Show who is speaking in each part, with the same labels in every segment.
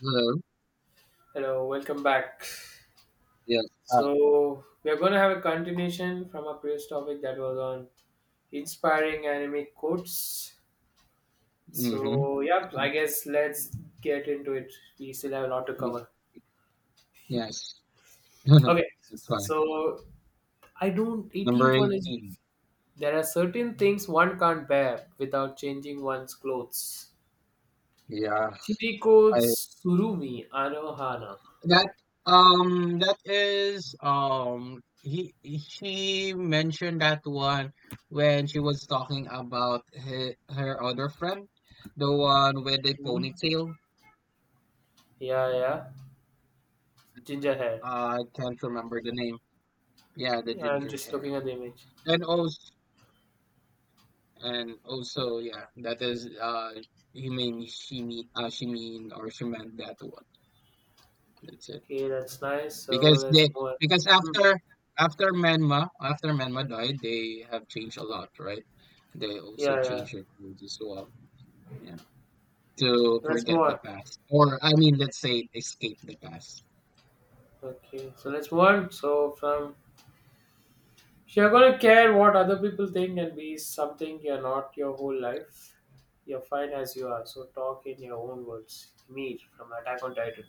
Speaker 1: Hello.
Speaker 2: Hello, welcome back.
Speaker 1: Yes. Hi.
Speaker 2: So, we are going to have a continuation from our previous topic that was on inspiring anime quotes.
Speaker 1: Mm-hmm.
Speaker 2: So, yeah, I
Speaker 1: Mm.
Speaker 2: guess let's get into it. We still have a lot to cover.
Speaker 1: Yes.
Speaker 2: Okay,
Speaker 1: That's fine.
Speaker 2: so I don't.
Speaker 1: Number
Speaker 2: 18th one is
Speaker 1: 18.
Speaker 2: there are certain things one can't bear without changing one's clothes.
Speaker 1: Yeah.
Speaker 2: Chiriko
Speaker 1: I
Speaker 2: Surumi Anohana.
Speaker 1: that that is he She mentioned that one when she was talking about her other friend, the one with the
Speaker 2: hmm
Speaker 1: ponytail.
Speaker 2: Yeah, yeah. Ginger hair.
Speaker 1: I can't remember the name. Yeah, the
Speaker 2: I'm
Speaker 1: ginger
Speaker 2: just
Speaker 1: hair.
Speaker 2: looking at the image.
Speaker 1: And also. Yeah, that is, you mean, she mean, she mean, or she meant that one. That's it.
Speaker 2: Okay, that's nice. So
Speaker 1: Because
Speaker 2: let's
Speaker 1: they
Speaker 2: move on.
Speaker 1: because
Speaker 2: Hmm.
Speaker 1: after Menma died, they have changed a lot, right? They also
Speaker 2: Yeah, yeah.
Speaker 1: changed their clothes as well. Yeah. To
Speaker 2: Let's move
Speaker 1: forget the
Speaker 2: on.
Speaker 1: past. Or I mean, let's say escape the past.
Speaker 2: Okay, so let's move on. So from if you're gonna care what other people think and be something you're not your whole life, you're fine as you are. So talk in your own words. Mir from Attack on Titan.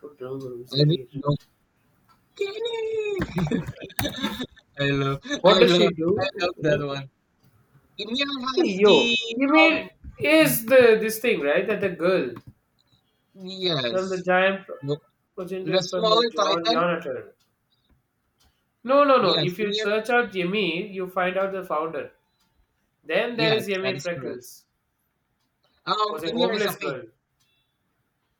Speaker 2: Don't remember who's
Speaker 1: I really
Speaker 2: Ymir.
Speaker 1: don't. Kenny! I love
Speaker 2: What
Speaker 1: I
Speaker 2: does she
Speaker 1: love I love that
Speaker 2: do?
Speaker 1: one. Ymir
Speaker 2: Hey,
Speaker 1: has the,
Speaker 2: yo,
Speaker 1: um
Speaker 2: Ymir is the this thing, right? That the girl from the
Speaker 1: yes.
Speaker 2: giant
Speaker 1: The
Speaker 2: progenitor from the
Speaker 1: smaller
Speaker 2: John
Speaker 1: Titan?
Speaker 2: Jonathan. No, no, no.
Speaker 1: Yes,
Speaker 2: If you
Speaker 1: Ymir.
Speaker 2: search out Yemi, you find out the founder. Then there
Speaker 1: Yes,
Speaker 2: is
Speaker 1: that
Speaker 2: Yemi
Speaker 1: is correct.
Speaker 2: Freckles, was a
Speaker 1: Ymir is a
Speaker 2: homeless
Speaker 1: fake.
Speaker 2: girl.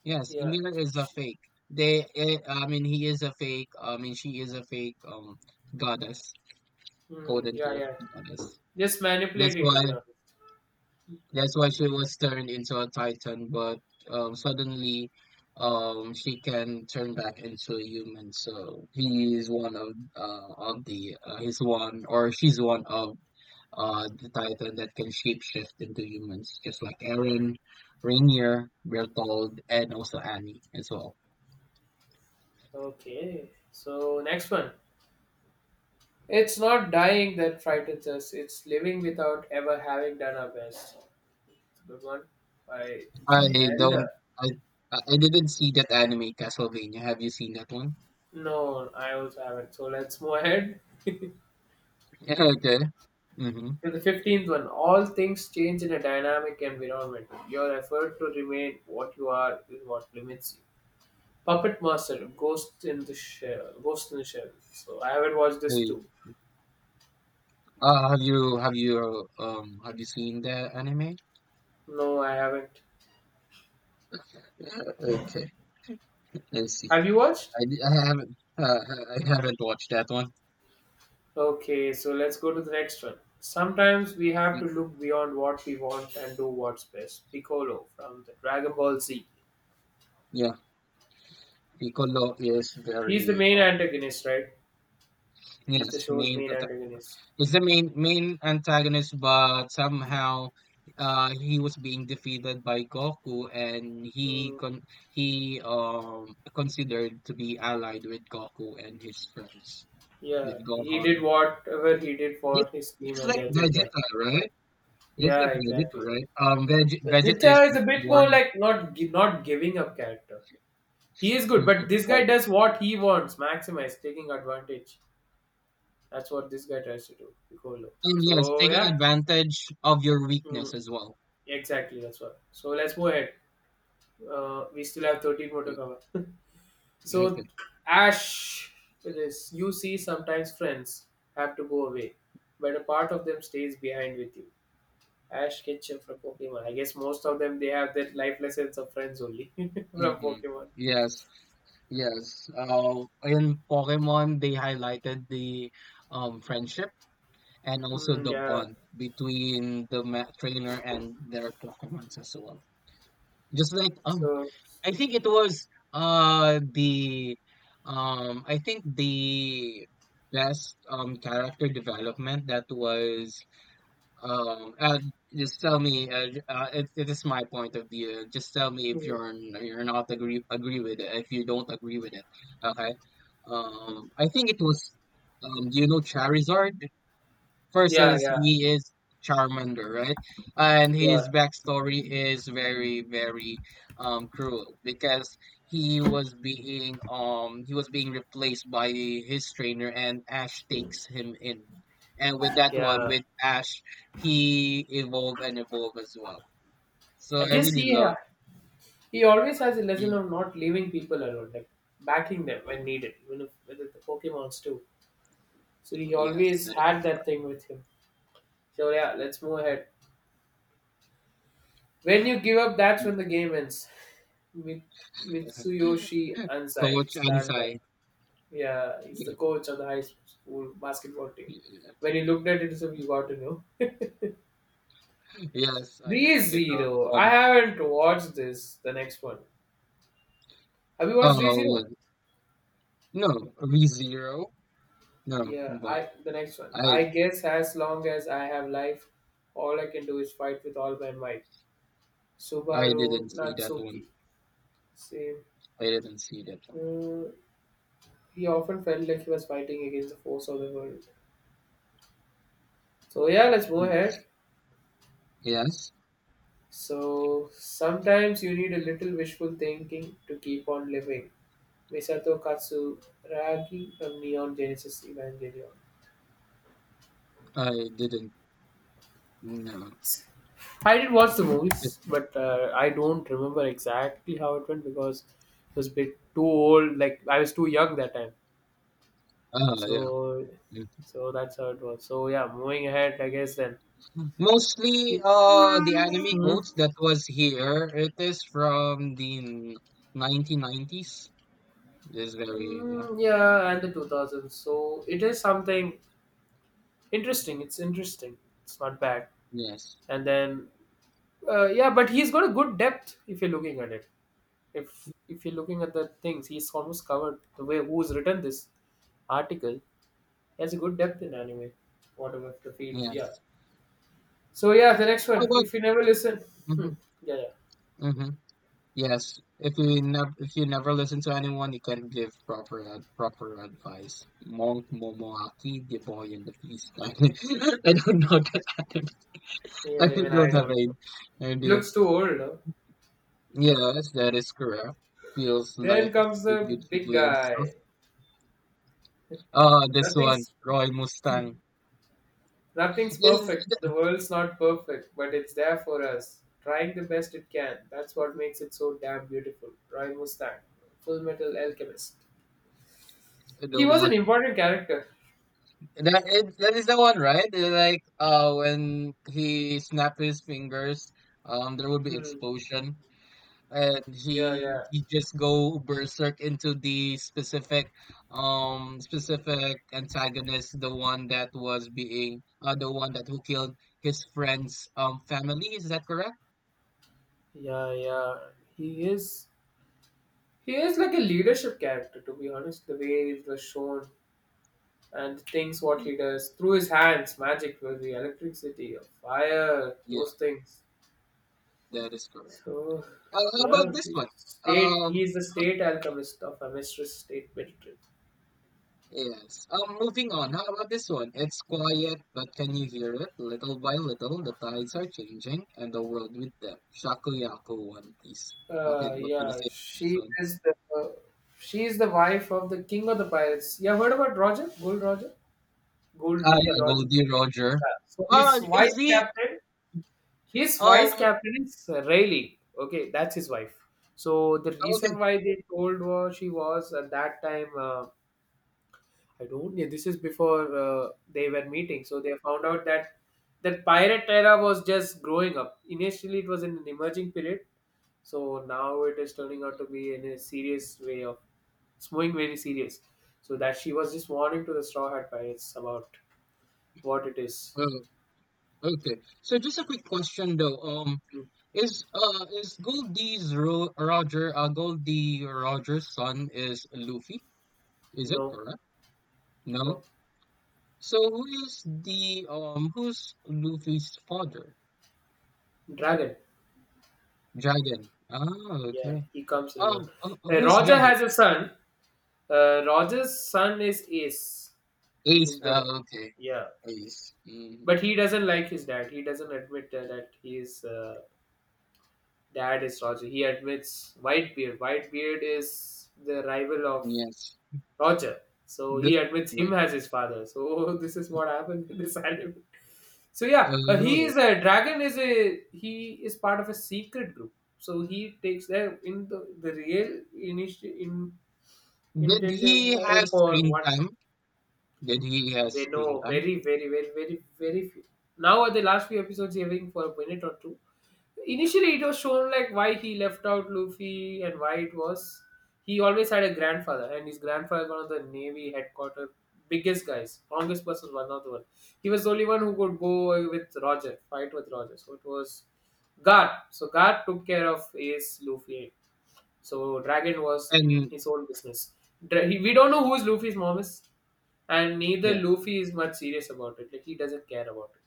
Speaker 1: Yes,
Speaker 2: Yeah.
Speaker 1: Ymir is a fake. They, I mean, he is a fake. I mean, she is a fake. Goddess, quote
Speaker 2: Hmm, yeah,
Speaker 1: unquote
Speaker 2: yeah.
Speaker 1: goddess.
Speaker 2: Just
Speaker 1: That's
Speaker 2: manipulating, to
Speaker 1: why.
Speaker 2: be honest.
Speaker 1: That's why she was turned into a Titan, but, suddenly, she can turn back into a human. So he is one of, of the, he's one or she's one of, the Titan that can shapeshift into humans, just like Eren, Rainier, Bertold, and also Annie as well.
Speaker 2: Okay, so next one. It's not dying that frightens us. It's living without ever having done our best. Good one by Chuck
Speaker 1: I
Speaker 2: Elder.
Speaker 1: don't, I, I didn't see that anime, Castlevania. Have you seen that one?
Speaker 2: No, I also haven't. So let's move ahead.
Speaker 1: Yeah, okay. Mm-hmm.
Speaker 2: To the 15th one, all things change in a dynamic environment. Your effort to remain what you are is what limits you. Puppet Master, Ghost in the Shell. Ghost in the Shell. So I haven't watched this too.
Speaker 1: Have you, have you seen the anime?
Speaker 2: No, I haven't.
Speaker 1: Yeah. Okay, let's see.
Speaker 2: Have you watched?
Speaker 1: I, di- I haven't watched that one.
Speaker 2: Okay, so let's go to the next one. Sometimes we have to
Speaker 1: Mm.
Speaker 2: look beyond what we want and do what's best. Piccolo from the Dragon Ball Z.
Speaker 1: Yeah. Piccolo is
Speaker 2: He's the
Speaker 1: very,
Speaker 2: main antagonist, right? He's
Speaker 1: yes,
Speaker 2: the show's
Speaker 1: main
Speaker 2: main
Speaker 1: protagonist.
Speaker 2: antagonist.
Speaker 1: Is the main antagonist, but somehow, he was being defeated by Goku and he
Speaker 2: Hmm.
Speaker 1: con he considered to be allied with Goku and his friends,
Speaker 2: Yeah,
Speaker 1: with
Speaker 2: he did
Speaker 1: Gohan.
Speaker 2: whatever he did for
Speaker 1: Just,
Speaker 2: his team
Speaker 1: just
Speaker 2: and
Speaker 1: like
Speaker 2: the agenda.
Speaker 1: Vegeta, right? Just
Speaker 2: Yeah,
Speaker 1: like Vegeta,
Speaker 2: exactly.
Speaker 1: right? Veg
Speaker 2: So
Speaker 1: Vegeta is
Speaker 2: Zitta is
Speaker 1: this
Speaker 2: a bit more
Speaker 1: one.
Speaker 2: like not giving up character. He is good,
Speaker 1: Mhm,
Speaker 2: but this guy
Speaker 1: yes.
Speaker 2: does what he wants, maximize, taking advantage. That's what this guy tries to do, Piccolo.
Speaker 1: And yes,
Speaker 2: So
Speaker 1: taking
Speaker 2: yeah,
Speaker 1: advantage of your
Speaker 2: mm,
Speaker 1: weakness as well.
Speaker 2: exactly. That's what. So let's move ahead. We still have 13 more to
Speaker 1: Like.
Speaker 2: cover.
Speaker 1: Okay.
Speaker 2: so Ash, it is. You see, sometimes friends have to go away, but a part of them stays behind with you. Ash Ketchum from Pokemon. I guess most of them they have their life lessons of friends only from
Speaker 1: Mm-hmm.
Speaker 2: Pokemon.
Speaker 1: Yes. Yes. In Pokemon, they highlighted the, friendship and also
Speaker 2: Mm,
Speaker 1: the
Speaker 2: yeah.
Speaker 1: bond between the, trainer and their Pokemons as well. Just like,
Speaker 2: So
Speaker 1: I think it was, the, I think the best, character development that was, um, uh, just tell me. It is my point of view. Just tell me if
Speaker 2: mhm.
Speaker 1: you're, you're not agree with it. If you don't agree with it, okay. I think it was. Do you know Charizard?
Speaker 2: Yeah,
Speaker 1: Versus
Speaker 2: yeah,
Speaker 1: he is Charmander, right? And
Speaker 2: yeah,
Speaker 1: his backstory is very, very, cruel, because he was being replaced by his trainer and Ash takes him in. And with that one,
Speaker 2: yeah.
Speaker 1: with Ash, he evolved and evolved as well. So
Speaker 2: I
Speaker 1: I
Speaker 2: guess
Speaker 1: really love.
Speaker 2: he always has a lesson
Speaker 1: Mm.
Speaker 2: of not leaving people alone, like backing them when needed, even if with the Pokemon's too. So he
Speaker 1: Yes,
Speaker 2: always
Speaker 1: that is
Speaker 2: had that
Speaker 1: correct.
Speaker 2: thing with him. So yeah, let's move ahead. When you give up, that's
Speaker 1: Mm.
Speaker 2: when the game ends. Mi- Mitsuyoshi Ansai,
Speaker 1: Coach
Speaker 2: slam dunk.
Speaker 1: Ansai.
Speaker 2: Yeah, he's the coach of the high school basketball team.
Speaker 1: Yeah, yeah.
Speaker 2: When he looked at it, so you got to know.
Speaker 1: Yes, I really love,
Speaker 2: ReZero. I
Speaker 1: um
Speaker 2: haven't watched this. The next one. Have you watched
Speaker 1: oh,
Speaker 2: ReZero?
Speaker 1: no, ReZero. No,
Speaker 2: Yeah.
Speaker 1: but
Speaker 2: I The next one.
Speaker 1: I
Speaker 2: I guess as long as I have life, all I can do is fight with all my might.
Speaker 1: I
Speaker 2: Subaru
Speaker 1: didn't see that one.
Speaker 2: Natsuki. Same.
Speaker 1: I didn't see that one.
Speaker 2: Hmm, he often felt like he was fighting against the force of the world. So yeah, let's move ahead.
Speaker 1: Yes. Yes,
Speaker 2: So sometimes you need a little wishful thinking to keep on living. Misato Katsuragi from Neon Genesis Evangelion.
Speaker 1: I didn't. No.
Speaker 2: I did watch the movies, but I don't remember exactly how it went because it was a bit too old. Like I was too young that time,
Speaker 1: Yeah.
Speaker 2: so
Speaker 1: Mm.
Speaker 2: so that's how it was. So yeah, moving ahead, I guess then.
Speaker 1: Mostly,
Speaker 2: It,
Speaker 1: the anime
Speaker 2: hmm
Speaker 1: quotes that was here, it is from the 1990s. It is very, yeah.
Speaker 2: Mm, yeah, and the 2000s. So it is something interesting. It's interesting. It's not bad.
Speaker 1: Yes,
Speaker 2: And then, yeah, but he's got a good depth if you're looking at it. If you're looking at the things, he's almost covered the way who's written this article. He has a good depth in anime, whatever the field. Yeah.
Speaker 1: yes.
Speaker 2: So yeah, the next
Speaker 1: How
Speaker 2: one.
Speaker 1: about.
Speaker 2: If you never listen, hmm,
Speaker 1: Mm-hmm.
Speaker 2: yeah,
Speaker 1: Mm-hmm. Yes, if you never listen to anyone, you can give proper, proper advice. Monk Momoaki, the boy in the beast. I don't know that anime. I
Speaker 2: yeah, yeah. Even I
Speaker 1: don't have
Speaker 2: don't. Know.
Speaker 1: any
Speaker 2: It
Speaker 1: idea.
Speaker 2: looks too old. No?
Speaker 1: Yes, that is correct. Feels
Speaker 2: Then
Speaker 1: like
Speaker 2: comes
Speaker 1: to
Speaker 2: the big
Speaker 1: YouTubely and stuff.
Speaker 2: guy.
Speaker 1: Ah, this one,
Speaker 2: Nothing's
Speaker 1: Roy Mustang.
Speaker 2: Nothing's perfect.
Speaker 1: Is
Speaker 2: The world's not perfect, but it's there for us, trying the best it can. That's what makes it so damn beautiful. Roy Mustang, Full Metal Alchemist.
Speaker 1: the
Speaker 2: He was
Speaker 1: one,
Speaker 2: an important character.
Speaker 1: that is the one, right? Like, when he snapped his fingers, there would be
Speaker 2: Hmm.
Speaker 1: explosion. And
Speaker 2: Yeah,
Speaker 1: he
Speaker 2: yeah,
Speaker 1: he just go berserk into the specific, specific antagonist, the one that was being, the one that who killed his friend's, family. Is that correct?
Speaker 2: yeah, yeah. He is he is like a leadership character, to be honest. The way it was shown and the things what he does through his hands, magic with the electricity, fire,
Speaker 1: Yeah,
Speaker 2: those things.
Speaker 1: that is correct.
Speaker 2: So
Speaker 1: How about
Speaker 2: yeah,
Speaker 1: this one. um
Speaker 2: he is the state alchemist of a mistress state military.
Speaker 1: yes. Moving on, how about this one? It's quiet, but can you hear it? Little by little, the tides are changing, and the world with them. Shakuyaku, One Piece. Okay, what can you
Speaker 2: Yeah,
Speaker 1: say about this one?
Speaker 2: she is the wife of the king of the pirates. You have heard about
Speaker 1: Ah,
Speaker 2: Goldie
Speaker 1: yeah,
Speaker 2: Roger.
Speaker 1: Goldie Roger.
Speaker 2: Yeah. So
Speaker 1: Ah, is he,
Speaker 2: his vice
Speaker 1: um
Speaker 2: captain is Rayleigh. Okay, that's his wife. So the reason
Speaker 1: okay.
Speaker 2: why they told was she was at that time. I don't. Yeah, this is before they were meeting. So they found out that pirate era was just growing up. Initially, it was in an emerging period. So now it is turning out to be in a serious way of it's going very serious. So that she was just warning to the Straw Hat Pirates about what it is.
Speaker 1: Oh, okay. So just a quick question though.
Speaker 2: Mm.
Speaker 1: Is, Goldie Roger's son is Luffy? Is it
Speaker 2: No,
Speaker 1: correct?
Speaker 2: no,
Speaker 1: No. So, who is the who's Luffy's father?
Speaker 2: dragon.
Speaker 1: Dragon. Ah,
Speaker 2: Yeah,
Speaker 1: okay.
Speaker 2: he comes in. On.
Speaker 1: Who's
Speaker 2: Roger
Speaker 1: Dragon?
Speaker 2: has a son. Roger's son is Ace,
Speaker 1: Ace.
Speaker 2: his brother.
Speaker 1: Ah, okay.
Speaker 2: Yeah,
Speaker 1: Ace. Mm,
Speaker 2: but he doesn't like his dad. He doesn't admit that his dad is Roger. He admits Whitebeard. Whitebeard is the rival of
Speaker 1: yes.
Speaker 2: Roger. So he
Speaker 1: Bl-
Speaker 2: admits him as
Speaker 1: Roger.
Speaker 2: his father. So this is what happened in this anime. So yeah, he
Speaker 1: Oh.
Speaker 2: is a dragon. Is a He is part of a secret group. So he takes there in the real initial in
Speaker 1: Did
Speaker 2: intended
Speaker 1: he have
Speaker 2: for
Speaker 1: screen
Speaker 2: what
Speaker 1: time? Did he have
Speaker 2: they
Speaker 1: screen
Speaker 2: know.
Speaker 1: time?
Speaker 2: Very, very, very, very very few now. At the last few episodes, having for a minute or two. Initially, it was shown like why he left out Luffy and why it was. He always had a grandfather, and his grandfather is one of the navy headquarters, biggest guys, strongest person, one of the one he was the only one who could go with Roger, fight with Roger. So it was Gar. So Gar took care of Ace, Luffy. So Dragon was in
Speaker 1: And
Speaker 2: his own business. He, we don't know who is Luffy's mom is, and neither
Speaker 1: yeah,
Speaker 2: Luffy is much serious about it. Like he doesn't care about it.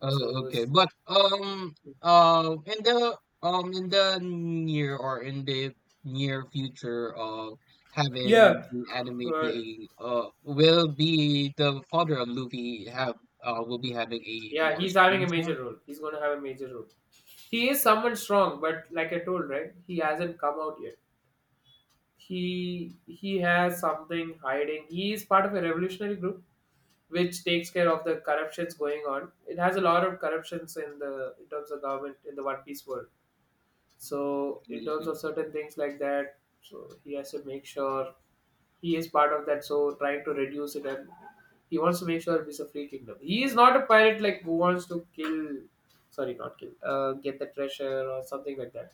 Speaker 1: oh,
Speaker 2: So
Speaker 1: okay.
Speaker 2: it's-
Speaker 1: But, in the, near, or in the near future of having
Speaker 2: Yeah.
Speaker 1: the anime
Speaker 2: Uh,
Speaker 1: being, will be the father of Luffy have, will be having a
Speaker 2: yeah,
Speaker 1: more
Speaker 2: he's having
Speaker 1: screen
Speaker 2: a
Speaker 1: time.
Speaker 2: major role. He's gonna have a major role. He is someone strong, but like I told, right, he hasn't come out yet. He has something hiding. He is part of a revolutionary group which takes care of the corruptions going on. It has a lot of corruptions in the in terms of government in the One Piece world. So in terms
Speaker 1: Mm,
Speaker 2: of certain things like that, so he has to make sure he is part of that. So trying to reduce it, and he wants to make sure it is a free kingdom. He is not a pirate like who wants to kill, sorry, not kill, get the treasure or something like that.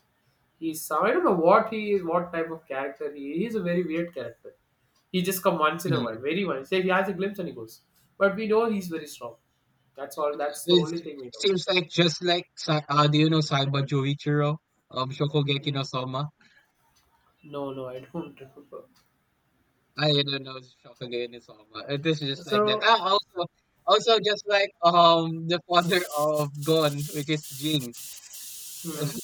Speaker 2: He's some I don't know what he is, what type of character he is. He is a very weird character. He just come once in a while,
Speaker 1: mm.
Speaker 2: very once. Say he has a glimpse and he goes. But we know he's very strong. That's all. That's the only
Speaker 1: It
Speaker 2: thing we know.
Speaker 1: seems like, just like, do you know Saiba Joichiro of Shokugeki no
Speaker 2: Mm.
Speaker 1: Soma?
Speaker 2: No, no, I don't remember.
Speaker 1: I don't know, Shokugane-sama. It is over. This is just like that.
Speaker 2: So
Speaker 1: Ah, also, just like, the father of Gon, which is Jing.
Speaker 2: Hmm.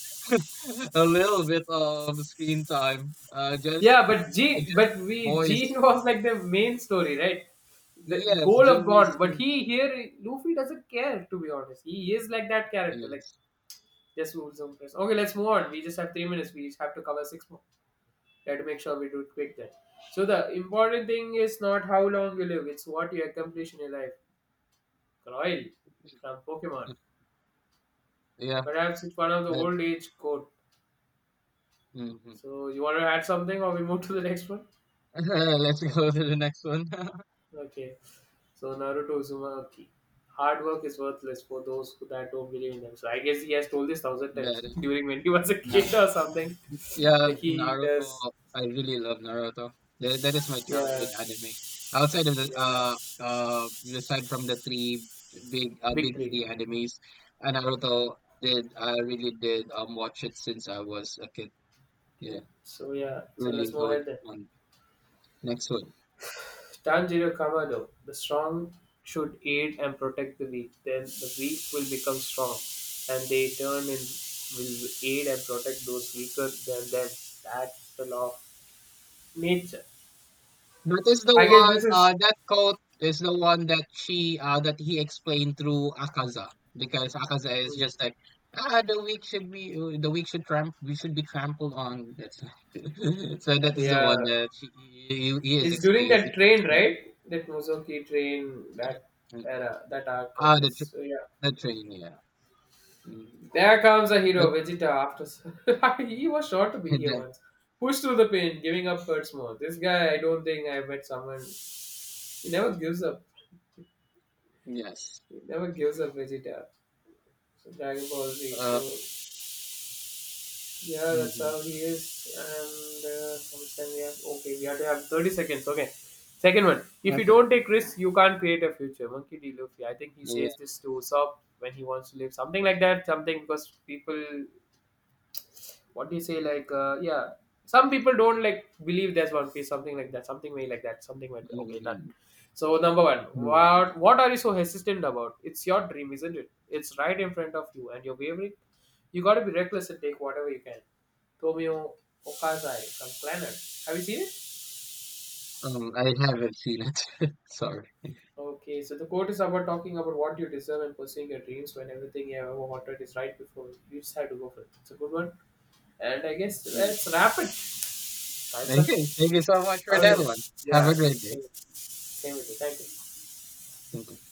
Speaker 1: A little bit of screen time. Just,
Speaker 2: Yeah,
Speaker 1: uh,
Speaker 2: but Gene,
Speaker 1: just
Speaker 2: but we Gene
Speaker 1: voice.
Speaker 2: was like the main story, right? The
Speaker 1: Yes,
Speaker 2: goal of
Speaker 1: Jing
Speaker 2: Gone,
Speaker 1: is
Speaker 2: but
Speaker 1: the,
Speaker 2: he here Luffy doesn't care, to be honest. He is like that character, like
Speaker 1: yes.
Speaker 2: just rules on press. Okay, let's move on. We just have 3 minutes. We just have to cover 6 more. We have to make sure we do it quick then. So the important thing is not how long you live; it's what you accomplish in your life. Groil from Pokemon.
Speaker 1: Yeah.
Speaker 2: Perhaps it's one of the
Speaker 1: I.
Speaker 2: old age quote.
Speaker 1: Mhm.
Speaker 2: So you want to add something, or we move to the next one?
Speaker 1: Let's go to the next one.
Speaker 2: Okay. So Naruto Uzumaki. Hard work is worthless for those who that don't believe in them. So I guess he has told this 1,000 times
Speaker 1: That is-
Speaker 2: during when he was a kid
Speaker 1: no.
Speaker 2: or something.
Speaker 1: Yeah,
Speaker 2: Like he
Speaker 1: Naruto.
Speaker 2: does
Speaker 1: I really love Naruto. That is my
Speaker 2: yeah,
Speaker 1: childhood anime. Outside of the
Speaker 2: yeah.
Speaker 1: uh Aside from the three big, big
Speaker 2: Victory.
Speaker 1: three animes, Naruto, did I really did, watch it since I was a kid. Yeah,
Speaker 2: Okay. So yeah, so let's
Speaker 1: really
Speaker 2: move
Speaker 1: going
Speaker 2: ahead then.
Speaker 1: on. Next one.
Speaker 2: Tanjiro Kamado. The strong should aid and protect the weak. Then the weak will become strong, and they turn in will aid and protect those weaker than them. That's the law of nature.
Speaker 1: That is the
Speaker 2: I guess
Speaker 1: one.
Speaker 2: this is
Speaker 1: That quote is the one that, she that he explained through Akaza, because Akaza is
Speaker 2: Hmm.
Speaker 1: just like, the weak should be, the weak should, tramp we should be trampled on. That's, so that is the
Speaker 2: Yeah,
Speaker 1: one that, he is
Speaker 2: it's during
Speaker 1: explaining.
Speaker 2: that train,
Speaker 1: explaining.
Speaker 2: right? That Muzoki train, that era, that arc, I
Speaker 1: Ah, the, tr
Speaker 2: guess. So yeah,
Speaker 1: the train. Yeah. Mm.
Speaker 2: there comes a hero,
Speaker 1: That,
Speaker 2: Vegeta. After he was sure to be here
Speaker 1: that,
Speaker 2: once, pushed through the pain, giving up hurts more. This guy, I don't think I met someone. He never gives up.
Speaker 1: yes.
Speaker 2: He never gives up, Vegeta. So Dragon Ball Z. So
Speaker 1: Uh.
Speaker 2: yeah, that's
Speaker 1: Hmm.
Speaker 2: how he is. And sometimes we have okay, we have to have 30 seconds. Okay, second one. If you
Speaker 1: Okay.
Speaker 2: don't take risks, you can't create a future. Monkey D. Luffy. I think he
Speaker 1: Yeah.
Speaker 2: says this to Usopp when he wants to live something like that. Something because people what do you say like yeah, some people don't like believe there's one piece, something like that, something way like that, something like that.
Speaker 1: Mm,
Speaker 2: Okay, done.
Speaker 1: mm.
Speaker 2: So number one,
Speaker 1: Mm.
Speaker 2: what are you so hesitant about? It's your dream, isn't it? It's right in front of you and you're wavering. You got to be reckless and take whatever you can. Tomio Okazai from planet. Have you seen it?
Speaker 1: I haven't seen it. Sorry.
Speaker 2: Okay, so the quote is about talking about what you deserve and pursuing your dreams. When everything you have ever wanted is right before you, you just have to go for it. It's a good one, and I guess let's wrap it. Time's up.
Speaker 1: Okay, thank you so much for
Speaker 2: Oh
Speaker 1: that
Speaker 2: yeah,
Speaker 1: one. Have
Speaker 2: yeah.
Speaker 1: a great
Speaker 2: Same,
Speaker 1: day.
Speaker 2: same with you. Thank you.
Speaker 1: Thank you.